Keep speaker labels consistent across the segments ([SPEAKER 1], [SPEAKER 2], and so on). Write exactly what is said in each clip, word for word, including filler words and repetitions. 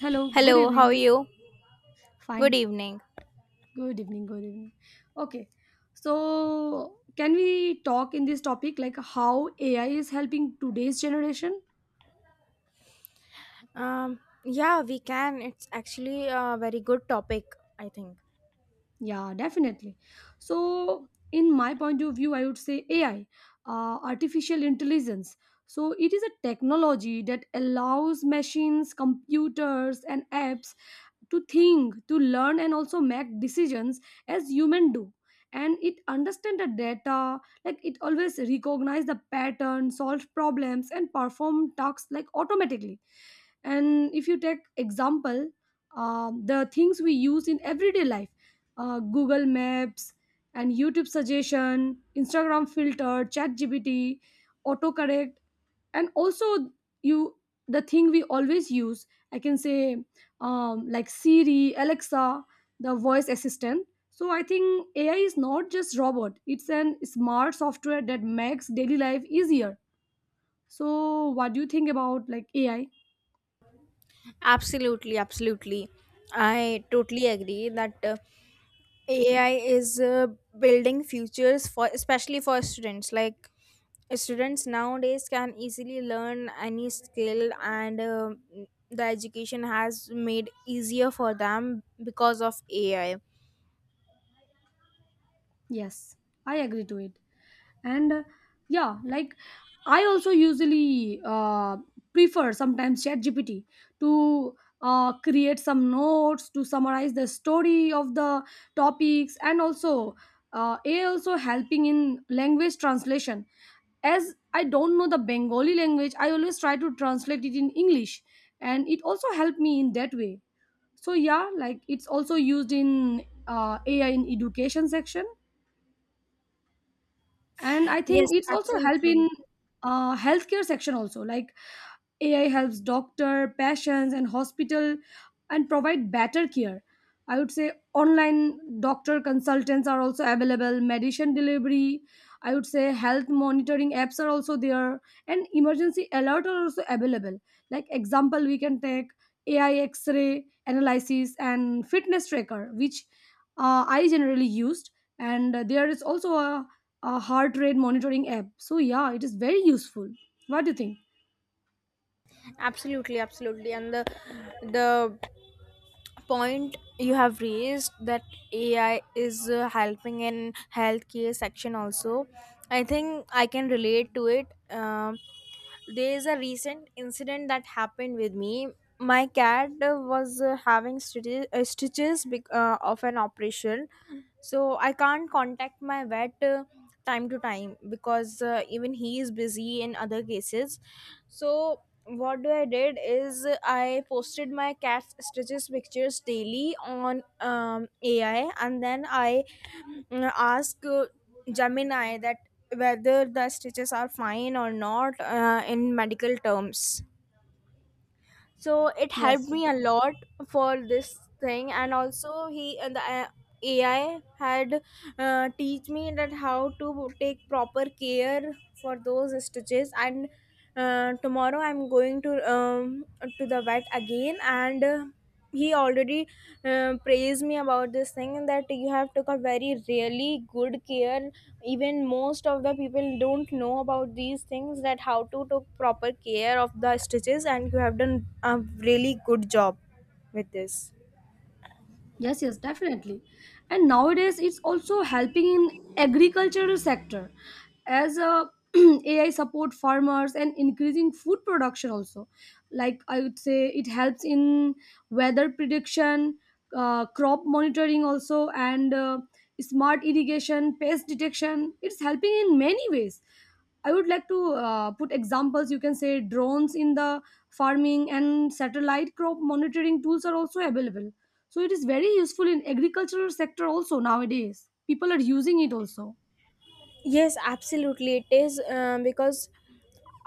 [SPEAKER 1] Hello, good
[SPEAKER 2] Hello, how are
[SPEAKER 1] evening.
[SPEAKER 2] you? Good
[SPEAKER 1] Fine.
[SPEAKER 2] evening.
[SPEAKER 1] Good evening, good evening. Okay. So, can we talk in this topic like how A I is helping today's generation?
[SPEAKER 2] Um, yeah, we can. It's actually a very good topic, I think.
[SPEAKER 1] Yeah, definitely. So, in my point of view, I would say A I, uh, artificial intelligence. So, it is a technology that allows machines, computers, and apps to think, to learn, and also make decisions as human do. And it understand the data, like it always recognize the pattern, solve problems, and perform tasks like automatically. And if you take example, um, the things we use in everyday life, uh, Google Maps and YouTube suggestion, Instagram filter, chat gpt autocorrect, and also, you, the thing we always use, I can say, um, like Siri, Alexa, the voice assistant. So I think AI is not just robot, it's an smart software that makes daily life easier. So what do you think about, like, AI?
[SPEAKER 2] Absolutely, absolutely. I totally agree that uh, A I is uh, building futures for especially for students. Like students nowadays can easily learn any skill, and uh, the education has made easier for them because of A I.
[SPEAKER 1] Yes, I agree to it. And uh, yeah, like, I also usually uh, prefer sometimes chat gpt to uh, create some notes, to summarize the story of the topics. And also, uh, AI also helping in language translation. As I don't know the Bengali language, I always try to translate it in English, and it also helped me in that way. So yeah, like, it's also used in, uh, AI in education section. And I
[SPEAKER 2] Yes,
[SPEAKER 1] think it's also help
[SPEAKER 2] absolutely.
[SPEAKER 1] in uh, healthcare section also, like A I helps doctor, patients, and hospital, and provide better care. I would say online doctor consultants are also available, medicine delivery, I would say health monitoring apps are also there, and emergency alert are also available. Like example, we can take A I X-ray analysis and fitness tracker, which uh, I generally used, and there is also a, a heart rate monitoring app. So yeah, it is very useful. What do you think?
[SPEAKER 2] Absolutely, absolutely. And the the point you have raised that AI is uh, helping in healthcare section also, I think I can relate to it um, There is a recent incident that happened with me. My cat uh, was uh, having stitches, uh, stitches bec- uh, of an operation. So I can't contact my vet uh, time to time, because uh, even he is busy in other cases. So what do I did is uh, I posted my cat's stitches pictures daily on um, AI, and then I mm, ask uh, Gemini that whether the stitches are fine or not uh, in medical terms. So it helped
[SPEAKER 1] Yes.
[SPEAKER 2] me a lot for this thing. And also he and the uh, AI had uh, teach me that how to take proper care for those stitches. And uh, tomorrow I'm going to um, to the vet again, and uh, he already uh, praised me about this thing, that you have took a very really good care. Even most of the people don't know about these things, that how to take proper care of the stitches, and you have done a really good job with this.
[SPEAKER 1] Yes, yes, definitely. And nowadays, it's also helping in agricultural sector as a A I support farmers and increasing food production also. Like I would say, it helps in weather prediction, uh, crop monitoring also, and uh, smart irrigation, pest detection. It's helping in many ways. I would like to uh, put examples. You can say drones in the farming and satellite crop monitoring tools are also available. So it is very useful in agricultural sector also nowadays. People are using it also.
[SPEAKER 2] Yes, absolutely. It is uh, because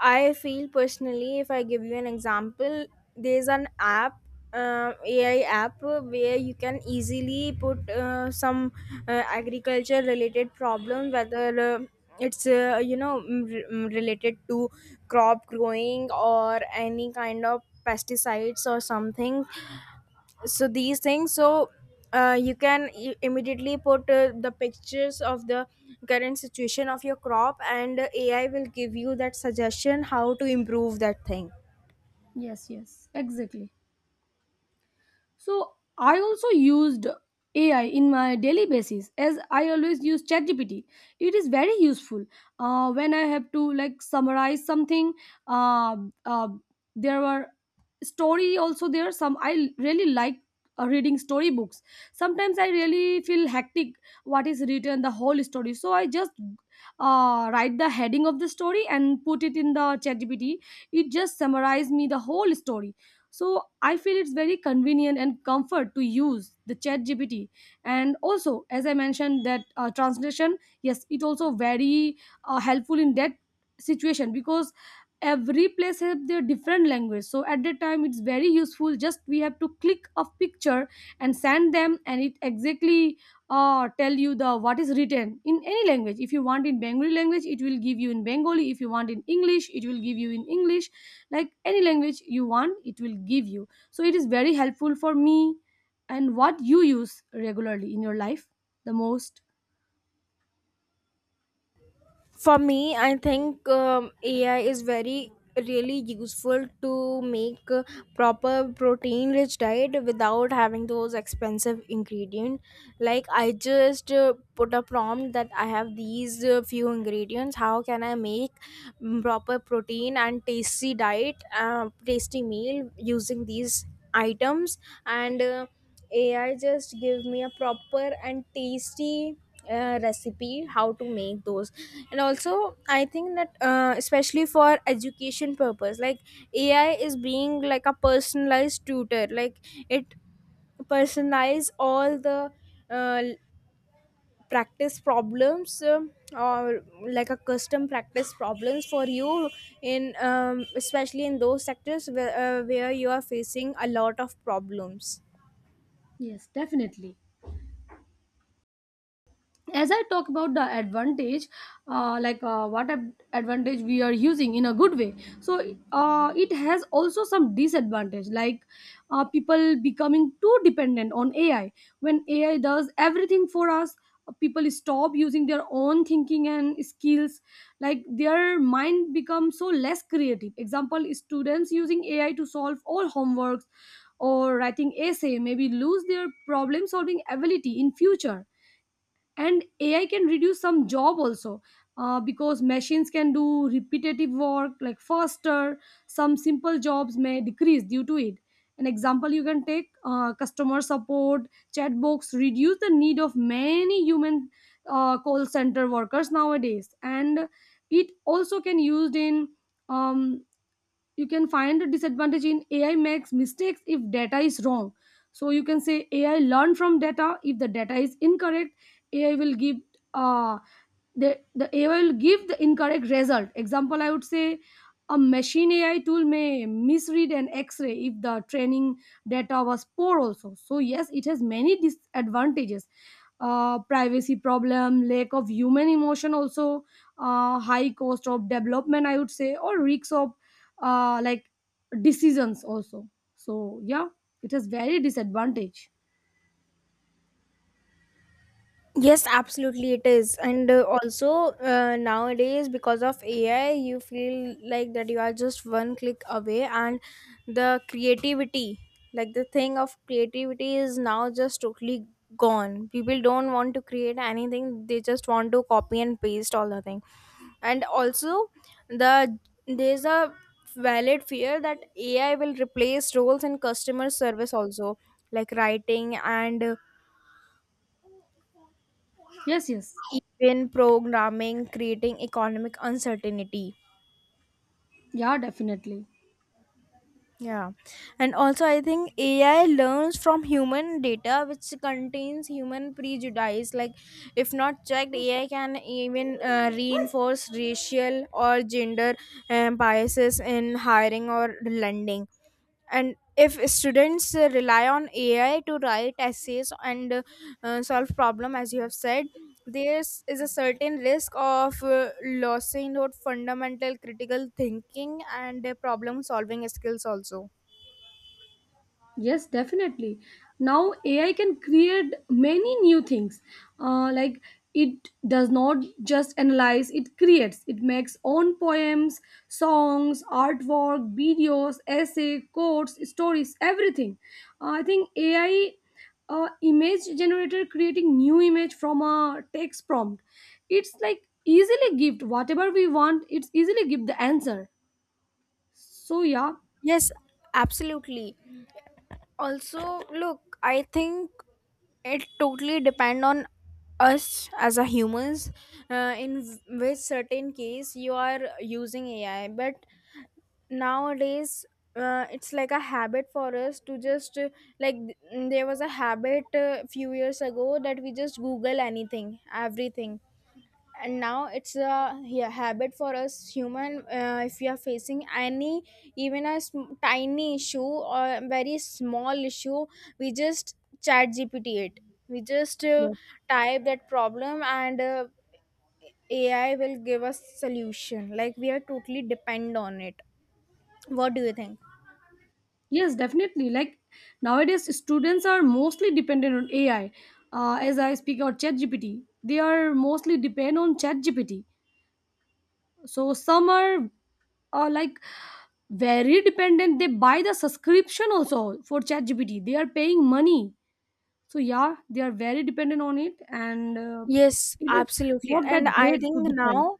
[SPEAKER 2] I feel personally, if I give you an example, there's an app, uh, A I app, uh, where you can easily put uh, some uh, agriculture related problem, whether uh, it's uh, you know mm, re- mm, related to crop growing or any kind of pesticides or something. So these things, so uh, you can i- immediately put uh, the pictures of the current situation of your crop, and uh, AI will give you that suggestion how to improve that thing.
[SPEAKER 1] Yes, yes, exactly. So I also used A I in my daily basis as I always use ChatGPT. It is very useful uh, when I have to, like, summarize something. Uh, uh, there were story also there. Some I really like uh, reading storybooks. Sometimes I really feel hectic what is written the whole story. So I just uh, write the heading of the story and put it in the ChatGPT. It just summarized me the whole story. So I feel it's very convenient and comfort to use the chat gpt and also, as I mentioned that, uh, translation, yes, it also very uh, helpful in that situation, because every place have their different language. So at that time it's very useful, just we have to click a picture and send them, and it exactly uh, tell you the what is written in any language. If you want in Bengali language, it will give you in Bengali. If you want in English, it will give you in English. Like any language you want, it will give you. So it is very helpful for me. And what you use regularly in your life, the most?
[SPEAKER 2] For me, I think um, A I is very really useful to make a proper protein rich diet without having those expensive ingredient. Like I just uh, put a prompt that I have these uh, few ingredients, how can I make mm, proper protein and tasty diet uh, tasty meal using these items. And uh, A I just give me a proper and tasty uh, recipe how to make those. And also I think that uh, especially for education purpose, like AI is being like a personalized tutor. Like it personalize all the uh, practice problems um, or like a custom practice problems for you in um, especially in those sectors where, uh, where you are facing a lot of problems.
[SPEAKER 1] Yes, definitely. As I talk about the advantage, uh, like, uh, what ad- advantage we are using in a good way. So uh, it has also some disadvantage, like uh, people becoming too dependent on AI. When AI does everything for us, uh, people stop using their own thinking and skills, like their mind becomes so less creative. Example, students using AI to solve all homeworks or writing essay maybe lose their problem solving ability in future. And AI can reduce some job also, uh, because machines can do repetitive work like faster. Some simple jobs may decrease due to it. An example you can take, uh, customer support chatbots reduce the need of many human uh, call center workers nowadays. And it also can used in, um, you can find a disadvantage in AI makes mistakes if data is wrong. So you can say AI learn from data. If the data is incorrect, AI will give uh, the, the AI will give the incorrect result. Example, I would say a machine AI tool may misread an X-ray if the training data was poor also. So yes, it has many disadvantages. uh, privacy problem, lack of human emotion also, uh, high cost of development, I would say, or risks of uh, like decisions also. So yeah, it has very disadvantage.
[SPEAKER 2] Yes, absolutely, it is. And uh, also, uh, nowadays, because of A I, you feel like that you are just one click away, and the creativity, like the thing of creativity, is now just totally gone. People don't want to create anything, they just want to copy and paste all the thing. And also, the there's a valid fear that A I will replace roles in customer service also, like writing and
[SPEAKER 1] Yes, yes.
[SPEAKER 2] even programming, creating economic uncertainty.
[SPEAKER 1] Yeah, definitely.
[SPEAKER 2] Yeah. And also I think AI learns from human data which contains human prejudice. Like if not checked, AI can even uh, reinforce racial or gender um, biases in hiring or lending. And if students uh, rely on AI to write essays and uh, uh, solve problem, as you have said, there is is a certain risk of uh, losing out fundamental critical thinking and uh, problem solving skills also.
[SPEAKER 1] Yes, definitely. Now A I can create many new things. Uh, like, it does not just analyze; it creates. It makes own poems, songs, artwork, videos, essay, quotes, stories, everything. Uh, I think A I uh, image generator creating new image from a text prompt. It's like easily give whatever we want. It's easily give the answer. So yeah,
[SPEAKER 2] Yes, absolutely. Also, look, I think it totally depend on us as a humans, uh, in which certain case you are using A I. But nowadays uh, it's like a habit for us to just uh, like th- mm, there was a habit a few years ago that we just google anything everything, and now it's a, yeah, habit for us human. Uh, if we are facing any even a sm- tiny issue or a very small issue, we just chat gpt it. We just uh,
[SPEAKER 1] yes.
[SPEAKER 2] type that problem, and uh, AI will give us solution. Like we are totally depend on it. What do you think?
[SPEAKER 1] Yes, definitely. Like, nowadays, students are mostly dependent on A I. Uh, as I speak, or ChatGPT, they are mostly depend on ChatGPT. So some are are like very dependent. They buy the subscription also for ChatGPT. They are paying money. So yeah, they are very dependent on it. And uh,
[SPEAKER 2] Yes,
[SPEAKER 1] it is
[SPEAKER 2] absolutely.
[SPEAKER 1] not
[SPEAKER 2] And
[SPEAKER 1] that
[SPEAKER 2] I
[SPEAKER 1] great to
[SPEAKER 2] think
[SPEAKER 1] depend.
[SPEAKER 2] now,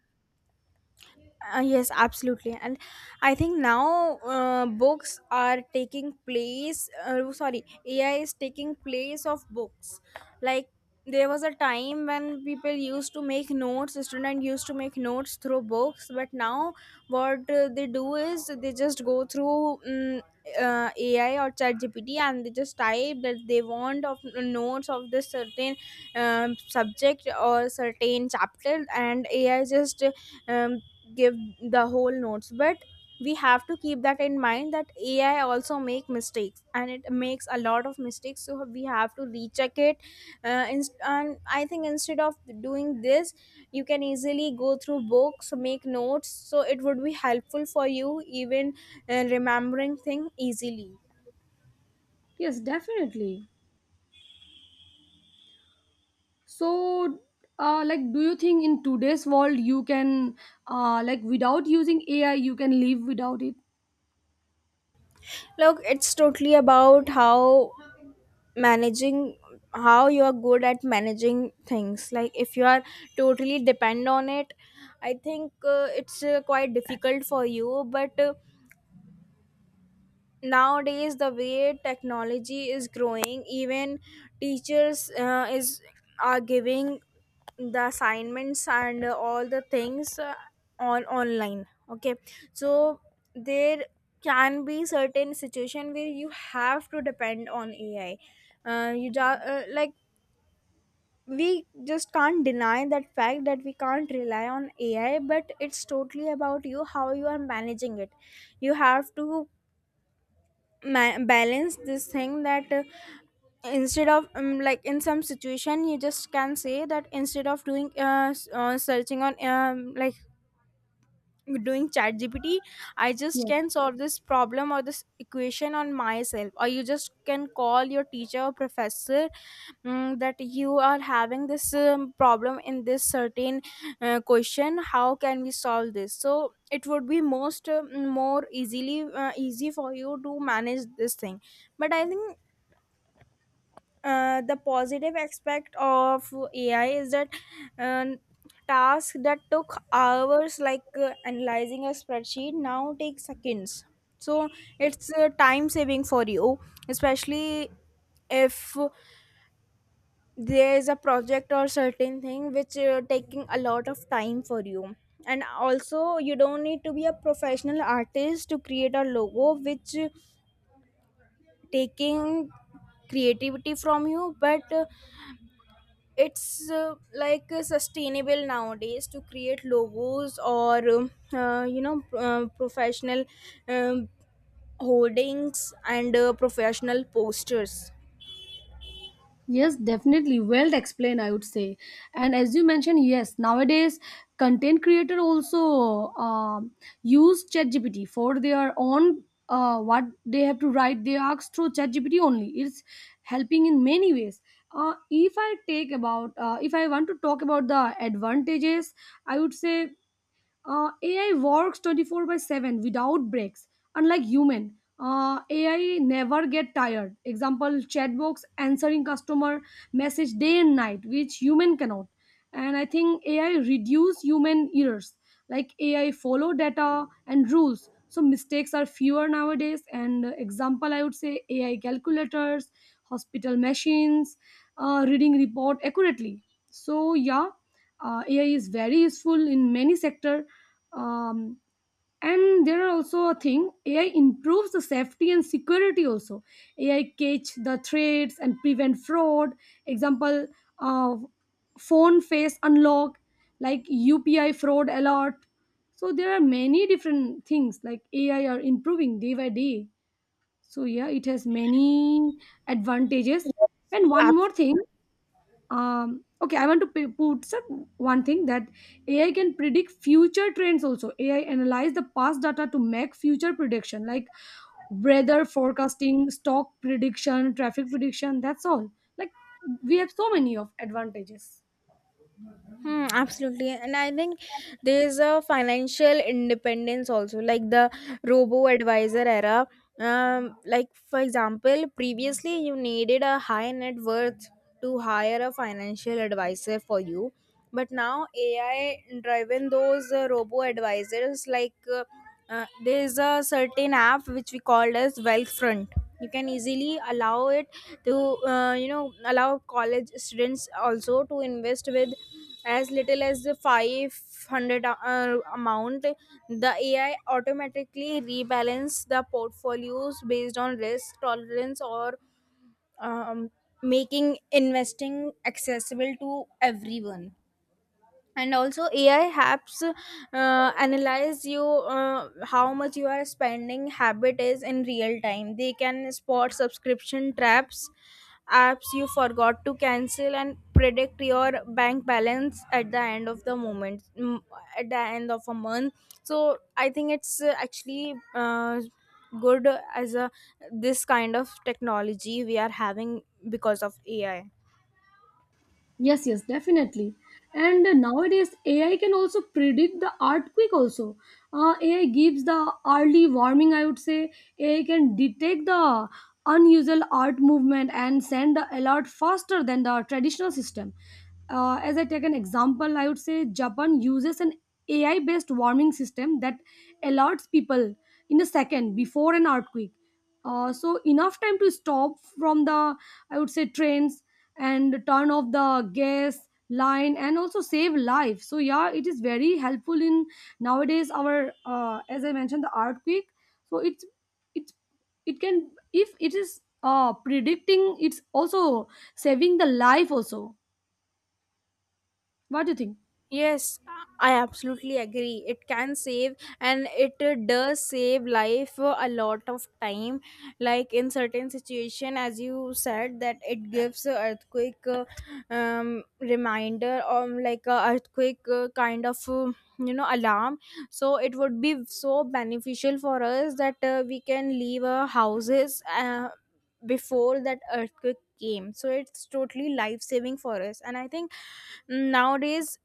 [SPEAKER 2] uh, yes, absolutely. And I think now uh, books are taking place, uh, sorry, A I is taking place of books. Like there was a time when people used to make notes, student used to make notes through books, but now what uh, they do is they just go through um, uh, A I or ChatGPT, and they just type that they want of uh, notes of this certain um, subject or certain chapter, and A I just um, give the whole notes. But we have to keep that in mind that AI also make mistakes, and it makes a lot of mistakes, so we have to recheck it. Uh, inst- and I think instead of doing this, you can easily go through books, make notes, so it would be helpful for you, even uh, remembering thing easily.
[SPEAKER 1] Yes, definitely. So, uh, like, do you think in today's world you can, uh, like, without using A I, you can live without it?
[SPEAKER 2] Look, it's totally about how managing, how you are good at managing things. Like if you are totally depend on it, I think uh, it's uh, quite difficult for you. But uh, nowadays, the way technology is growing, even teachers uh, is are giving the assignments and uh, all the things uh, on online, okay? So there can be certain situation where you have to depend on AI. Uh, you ju- uh, like we just can't deny that fact that we can't rely on AI, but it's totally about you, how you are managing it. You have to ma- balance this thing, that uh, instead of um, like in some situation, you just can say that instead of doing uh, s- uh searching on um, like doing chat gpt I just
[SPEAKER 1] Yes.
[SPEAKER 2] can solve this problem or this equation on myself, or you just can call your teacher or professor mm, that you are having this um, problem in this certain uh, question, how can we solve this. So it would be most uh, more easily uh, easy for you to manage this thing. But I think uh, the positive aspect of A I is that um, tasks that took hours, like uh, analyzing a spreadsheet, now take seconds. So it's uh, time saving for you, especially if there is a project or certain thing which uh, taking a lot of time for you. And also, you don't need to be a professional artist to create a logo, which uh, taking creativity from you, but uh, it's uh, like uh, sustainable nowadays to create logos or um, uh, you know uh, professional um, holdings and uh, professional posters.
[SPEAKER 1] Yes, definitely. Well explained, I would say. And as you mentioned, yes, nowadays content creator also um use ChatGPT for their own uh, what they have to write. They ask through ChatGPT only. It's helping in many ways. Uh, if I take about, uh, if I want to talk about the advantages, I would say uh, A I works twenty-four by seven without breaks, unlike human. Uh, A I never get tired. Example, chatbots answering customer message day and night, which human cannot. And I think A I reduce human errors, like A I follow data and rules. So mistakes are fewer nowadays. And uh, example, I would say A I calculators, hospital machines, uh, reading report accurately. So yeah, uh, A I is very useful in many sector. um, and there are also a thing A I improves the safety and security. Also, A I catch the threats and prevent fraud. Example, uh, phone face unlock, like U P I fraud alert. So there are many different things like A I are improving day by day. So yeah, it has many advantages.
[SPEAKER 2] Yes,
[SPEAKER 1] And one more
[SPEAKER 2] absolutely.
[SPEAKER 1] thing, um okay, I want to p- put some one thing that AI can predict future trends also. AI analyze the past data to make future prediction, like weather forecasting, stock prediction, traffic prediction. That's all. Like, we have so many of advantages.
[SPEAKER 2] Hmm, absolutely. And I think there's a financial independence also, like the robo advisor era. Um, like, for example, previously you needed a high net worth to hire a financial advisor for you. But now A I driven those uh, robo advisors, like uh, uh, there's a certain app which we called as Wealthfront. You can easily allow it to, uh, you know, allow college students also to invest with as little as the five hundred uh, amount. The AI automatically rebalance the portfolios based on risk tolerance or um, making investing accessible to everyone. And also AI apps uh, analyze you, uh, how much you are spending habit is in real time. They can spot subscription traps, apps you forgot to cancel, and predict your bank balance at the end of the moment, mm, at the end of a month. So I think it's uh, actually uh, good as a this kind of technology we are having because of AI.
[SPEAKER 1] Yes, yes, definitely. And uh, nowadays, A I can also predict the earthquake. Also, uh, A I gives the early warning. I would say A I can detect the unusual earth movement and send the alert faster than the traditional system. Uh, as I take an example, I would say Japan uses an A I-based warming system that alerts people in a second before an earthquake, uh, so enough time to stop from the, I would say, trains, and turn off the gas line, and also save life. So yeah, it is very helpful in nowadays, our uh, as I mentioned, the earthquake. So it's it's it can, if it is uh predicting, it's also saving the life also. What do you think?
[SPEAKER 2] Yes, I absolutely agree. It can save, and it uh, does save life uh, a lot of time. Like in certain situation, as you said, that it gives a earthquake uh, um, reminder or like a earthquake uh, kind of uh, you know alarm. So it would be so beneficial for us that uh, we can leave our houses uh, before that earthquake came. So it's totally life saving for us, and I think nowadays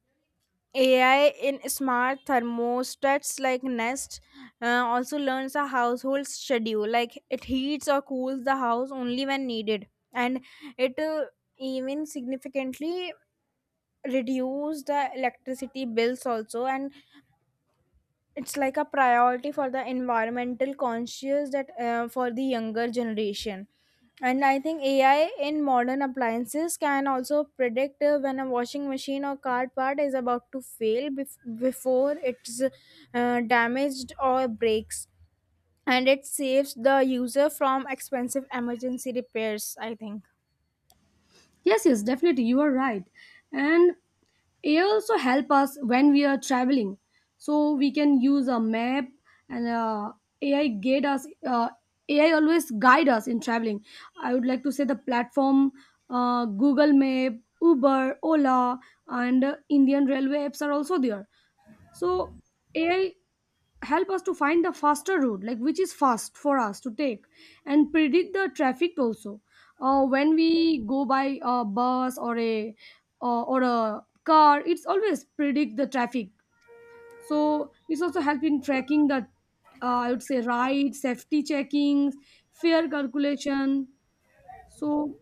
[SPEAKER 2] A I in smart thermostats like Nest uh, also learns a household schedule. Like it heats or cools the house only when needed, and it uh, even significantly reduce the electricity bills also. And it's like a priority for the environmental conscious, that uh, for the younger generation. And I think AI in modern appliances can also predict uh, when a washing machine or car part is about to fail bef- before it's uh, damaged or breaks, and it saves the user from expensive emergency repairs, I think.
[SPEAKER 1] Yes, yes, definitely. You are right. And A I also help us when we are traveling. So we can use a map, and uh, A I guide us. Uh, A I always guide us in traveling. I would like to say the platform, uh, Google Map, Uber, Ola, and uh, Indian Railway apps are also there. So A I help us to find the faster route, like which is fast for us to take, and predict the traffic also. Uh, when we go by a bus or a uh, or a car, it's always predict the traffic. So this also help in tracking the uh, I would say ride, safety checkings, fare calculation. So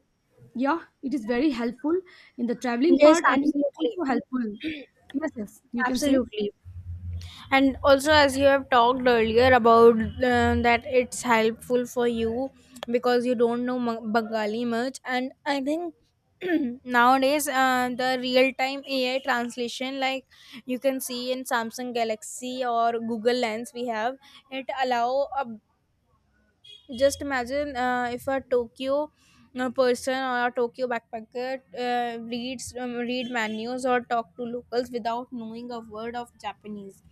[SPEAKER 1] yeah, it is very helpful in the traveling
[SPEAKER 2] Yes,
[SPEAKER 1] part, and it's
[SPEAKER 2] absolutely.
[SPEAKER 1] also helpful. Yes, yes, you can say.
[SPEAKER 2] Absolutely. And also, as you have talked earlier about, uh, that it's helpful for you because you don't know Ma- bengali much. And I think nowadays, uh, the real time AI translation, like you can see in Samsung Galaxy or Google Lens, we have, it allow a, just imagine, uh, if a Tokyo uh, person or a Tokyo backpacker uh, reads um, read menus or talk to locals without knowing a word of Japanese.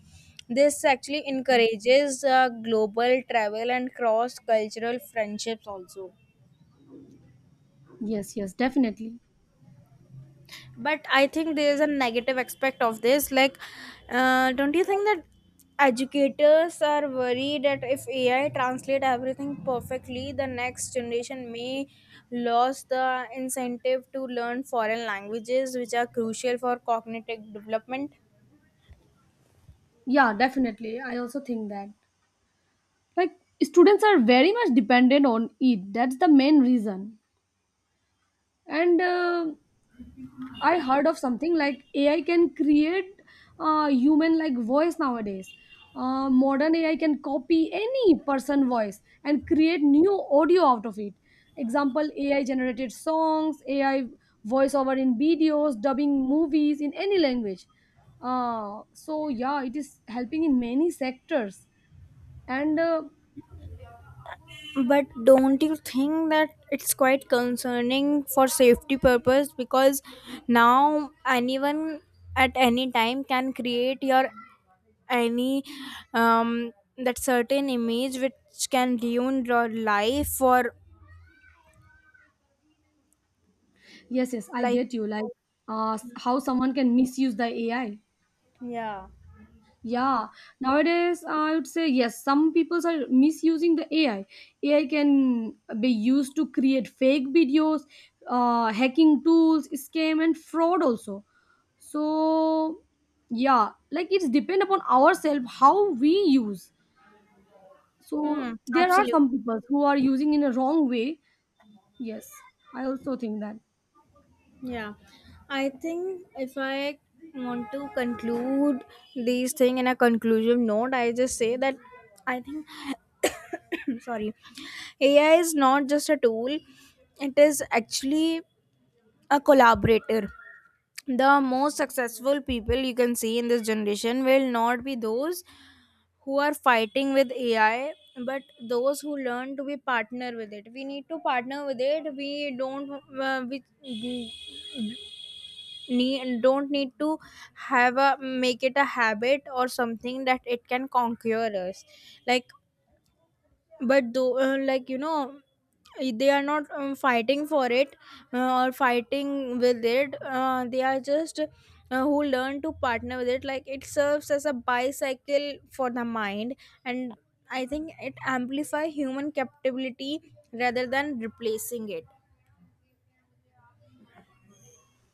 [SPEAKER 2] This actually encourages uh, global travel and cross cultural friendships also.
[SPEAKER 1] Yes, yes, definitely.
[SPEAKER 2] But I think there is a negative aspect of this, like, uh, don't you think that educators are worried that if AI translate everything perfectly, the next generation may lose the incentive to learn foreign languages, which are crucial for cognitive development?
[SPEAKER 1] Yeah, definitely. I also think that, like, students are very much dependent on it. That's the main reason. And uh, I heard of something like A I can create uh, human like voice nowadays. Uh, modern A I can copy any person voice and create new audio out of it. Example A I generated songs, A I voiceover in videos, dubbing movies in any language. Uh, so yeah, it is helping in many sectors. And uh,
[SPEAKER 2] But don't you think that it's quite concerning for safety purpose? Because now anyone at any time can create your any um that certain image which can ruin your life, or
[SPEAKER 1] yes, yes, I
[SPEAKER 2] like.
[SPEAKER 1] get you. Like, uh, how someone can misuse the A I.
[SPEAKER 2] Yeah.
[SPEAKER 1] Yeah, nowadays I would say yes, some people are misusing the A I. A I can be used to create fake videos, uh, hacking tools, scam, and fraud also. So, yeah, like it's depend upon ourselves how we use.
[SPEAKER 2] Hmm.
[SPEAKER 1] So there are
[SPEAKER 2] Absolutely.
[SPEAKER 1] some people who are using in a wrong way. Yes, I also think that.
[SPEAKER 2] Yeah, I think if I want to conclude these thing in a conclusive note, I just say that I think sorry, A I is not just a tool; it is actually a collaborator. The most successful people you can see in this generation will not be those who are fighting with A I, but those who learn to be partner with it. We need to partner with it. We don't, uh, we need don't need to have a make it a habit or something that it can conquer us. Like, but though, uh, like, you know, i- they are not um, fighting for it, uh, or fighting with it. Uh, they are just, uh, who learn to partner with it, like it serves as a bicycle for the mind. And I think it amplify human capability rather than replacing it.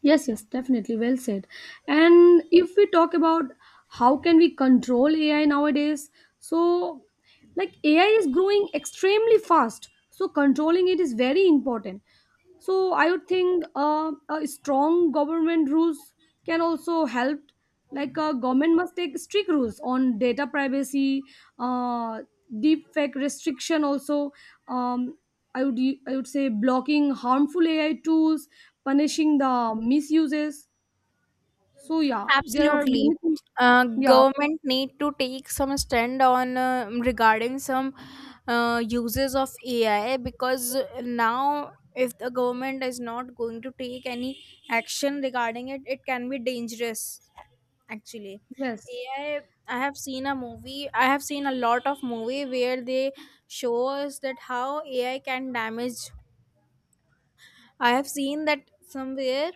[SPEAKER 1] Yes, yes, definitely. Well said. And if we talk about how can we control A I nowadays, so like A I is growing extremely fast, so controlling it is very important. So I would think uh, a strong government rules can also help. Like uh, government must take strict rules on data privacy, uh, deep fake restriction also. Um, I would u- I would say blocking harmful A I tools, punishing the misuses. So yeah, there are
[SPEAKER 2] Absolutely.
[SPEAKER 1] many things.
[SPEAKER 2] Uh,
[SPEAKER 1] Yeah.
[SPEAKER 2] government need to take some stand on, uh, regarding some uh, uses of A I, because now if the government is not going to take any action regarding it, it can be dangerous actually.
[SPEAKER 1] Yes.
[SPEAKER 2] A I, I have seen a movie, I have seen a lot of movie where they show us that how A I can damage. I have seen that somewhere,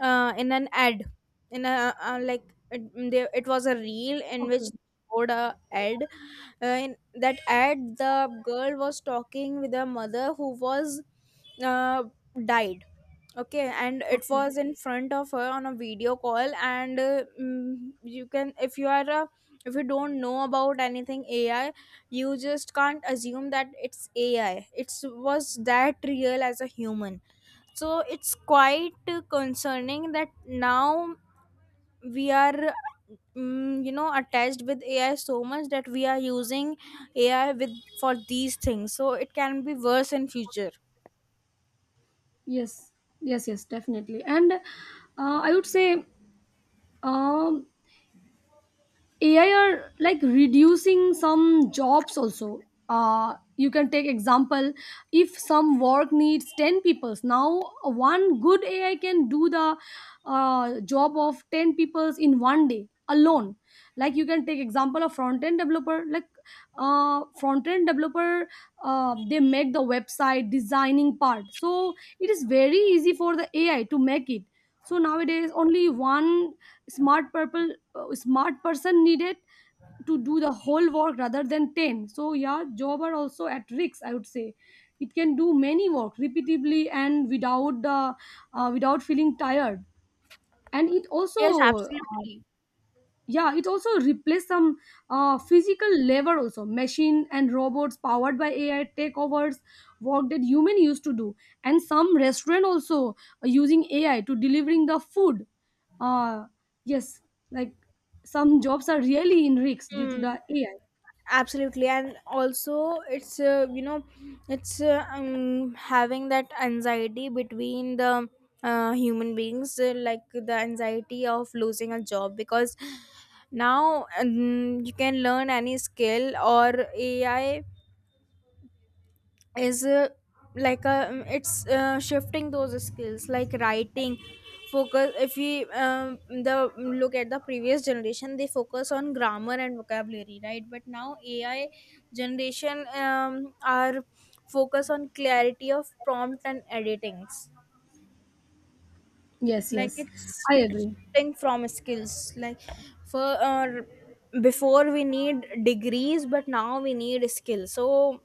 [SPEAKER 2] uh, in an ad, in a uh, uh, like, it, there, it was a reel in which
[SPEAKER 1] Okay.
[SPEAKER 2] they showed a ad. Uh, in that ad, the girl was talking with her mother who was uh, died. Okay, and it
[SPEAKER 1] Okay.
[SPEAKER 2] was in front of her on a video call, and uh, mm, you can, if you are a, if you don't know about anything A I, you just can't assume that it's A I. It was that real as a human. So it's quite concerning that now we are, mm, you know, attached with AI so much that we are using AI with, for these things. So it can be worse in future.
[SPEAKER 1] Yes. Yes. Yes. Definitely. And uh, I would say um A I are like reducing some jobs also. Uh, you can take example if some work needs ten peoples now one good ai can do the uh, job of ten peoples in one day alone, like you can take example of front end developer. Like uh, front end developer, uh, they make the website designing part, so it is very easy for the ai to make it. So nowadays only one smart purple uh, smart person needed to do the whole work rather than ten. So yeah, job are also at risk, I would say. It can do many work repeatedly and without the uh, without feeling tired. And it
[SPEAKER 2] Yes,
[SPEAKER 1] also uh,
[SPEAKER 2] absolutely.
[SPEAKER 1] yeah, it also replaced some uh, physical labor also. Machine and robots powered by ai take overs work that human used to do. And some restaurant also are using ai to delivering the food uh yes, like some jobs are really in risks due to
[SPEAKER 2] Hmm.
[SPEAKER 1] the ai.
[SPEAKER 2] Absolutely. And also, it's, uh, you know, it's uh, um, having that anxiety between the uh, human beings, uh, like the anxiety of losing a job. Because now, um, you can learn any skill, or AI is uh, like a, um, it's uh, shifting those skills like writing focus. If we um, the look at the previous generation, they focus on grammar and vocabulary, right? But now AI generation um, are focus on clarity of prompt and editings.
[SPEAKER 1] Yes,
[SPEAKER 2] Like,
[SPEAKER 1] yes,
[SPEAKER 2] it's
[SPEAKER 1] I
[SPEAKER 2] it's
[SPEAKER 1] agree.
[SPEAKER 2] shifting from skills like, for uh, before we need degrees, but now we need skills. So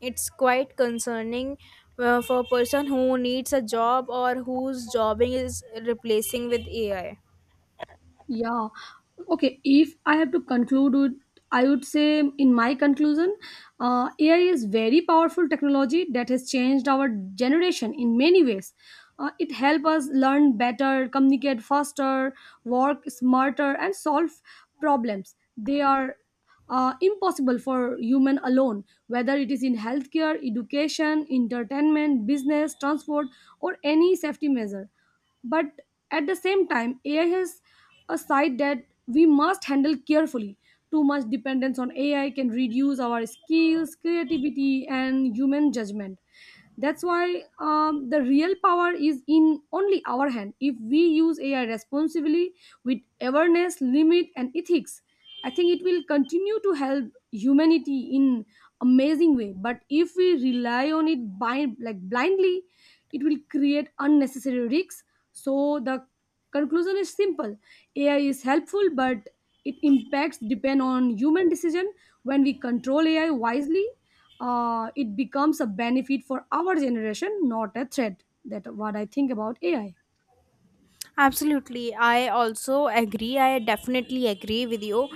[SPEAKER 2] it's quite concerning uh, for a person who needs a job or whose jobbing is replacing with AI.
[SPEAKER 1] Yeah. Okay. If I have to conclude with, I would say in my conclusion, uh, A I is very powerful technology that has changed our generation in many ways. Uh, it helps us learn better, communicate faster, work smarter, and solve problems. They are uh, impossible for human alone, whether it is in healthcare, education, entertainment, business, transport, or any safety measure. But at the same time, A I has a side that we must handle carefully. Too much dependence on A I can reduce our skills, creativity, and human judgment. That's why um, the real power is in only our hand. If we use A I responsibly with awareness, limit, and ethics, I think it will continue to help humanity in amazing way. But if we rely on it by like blindly, it will create unnecessary risks. So the conclusion is simple: A I is helpful, but it impacts depend on human decision. When we control A I wisely, uh, it becomes a benefit for our generation, not a threat. That what I think about A I.
[SPEAKER 2] Absolutely. I also agree. I definitely agree with you.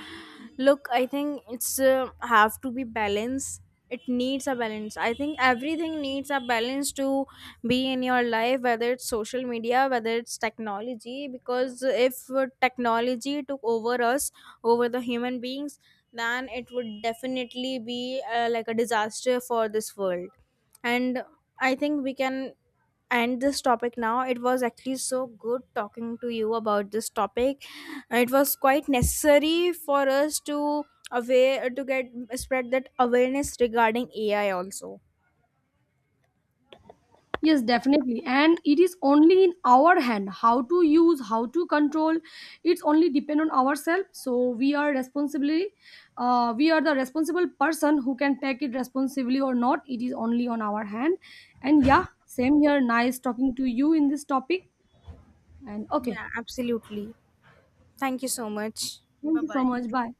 [SPEAKER 2] Look, I think it's, uh, have to be balance. It needs a balance. I think everything needs a balance to be in your life, whether it's social media, whether it's technology. Because if uh, technology took over us, over the human beings, then it would definitely be, uh, like a disaster for this world. And I think we can end this topic now. It was actually so good talking to you about this topic. Uh, It was quite necessary for us to aware to get spread that awareness regarding A I also.
[SPEAKER 1] Yes, definitely. And it is only in our hand how to use, how to control. It's only depend on ourselves. So we are responsibly, uh, we are the responsible person who can take it responsibly or not. It is only on our hand. And yeah, same here. Nice talking to you in this topic. And okay,
[SPEAKER 2] Yeah, absolutely. Thank you so much.
[SPEAKER 1] thank
[SPEAKER 2] Bye
[SPEAKER 1] you so
[SPEAKER 2] bye.
[SPEAKER 1] much. Bye.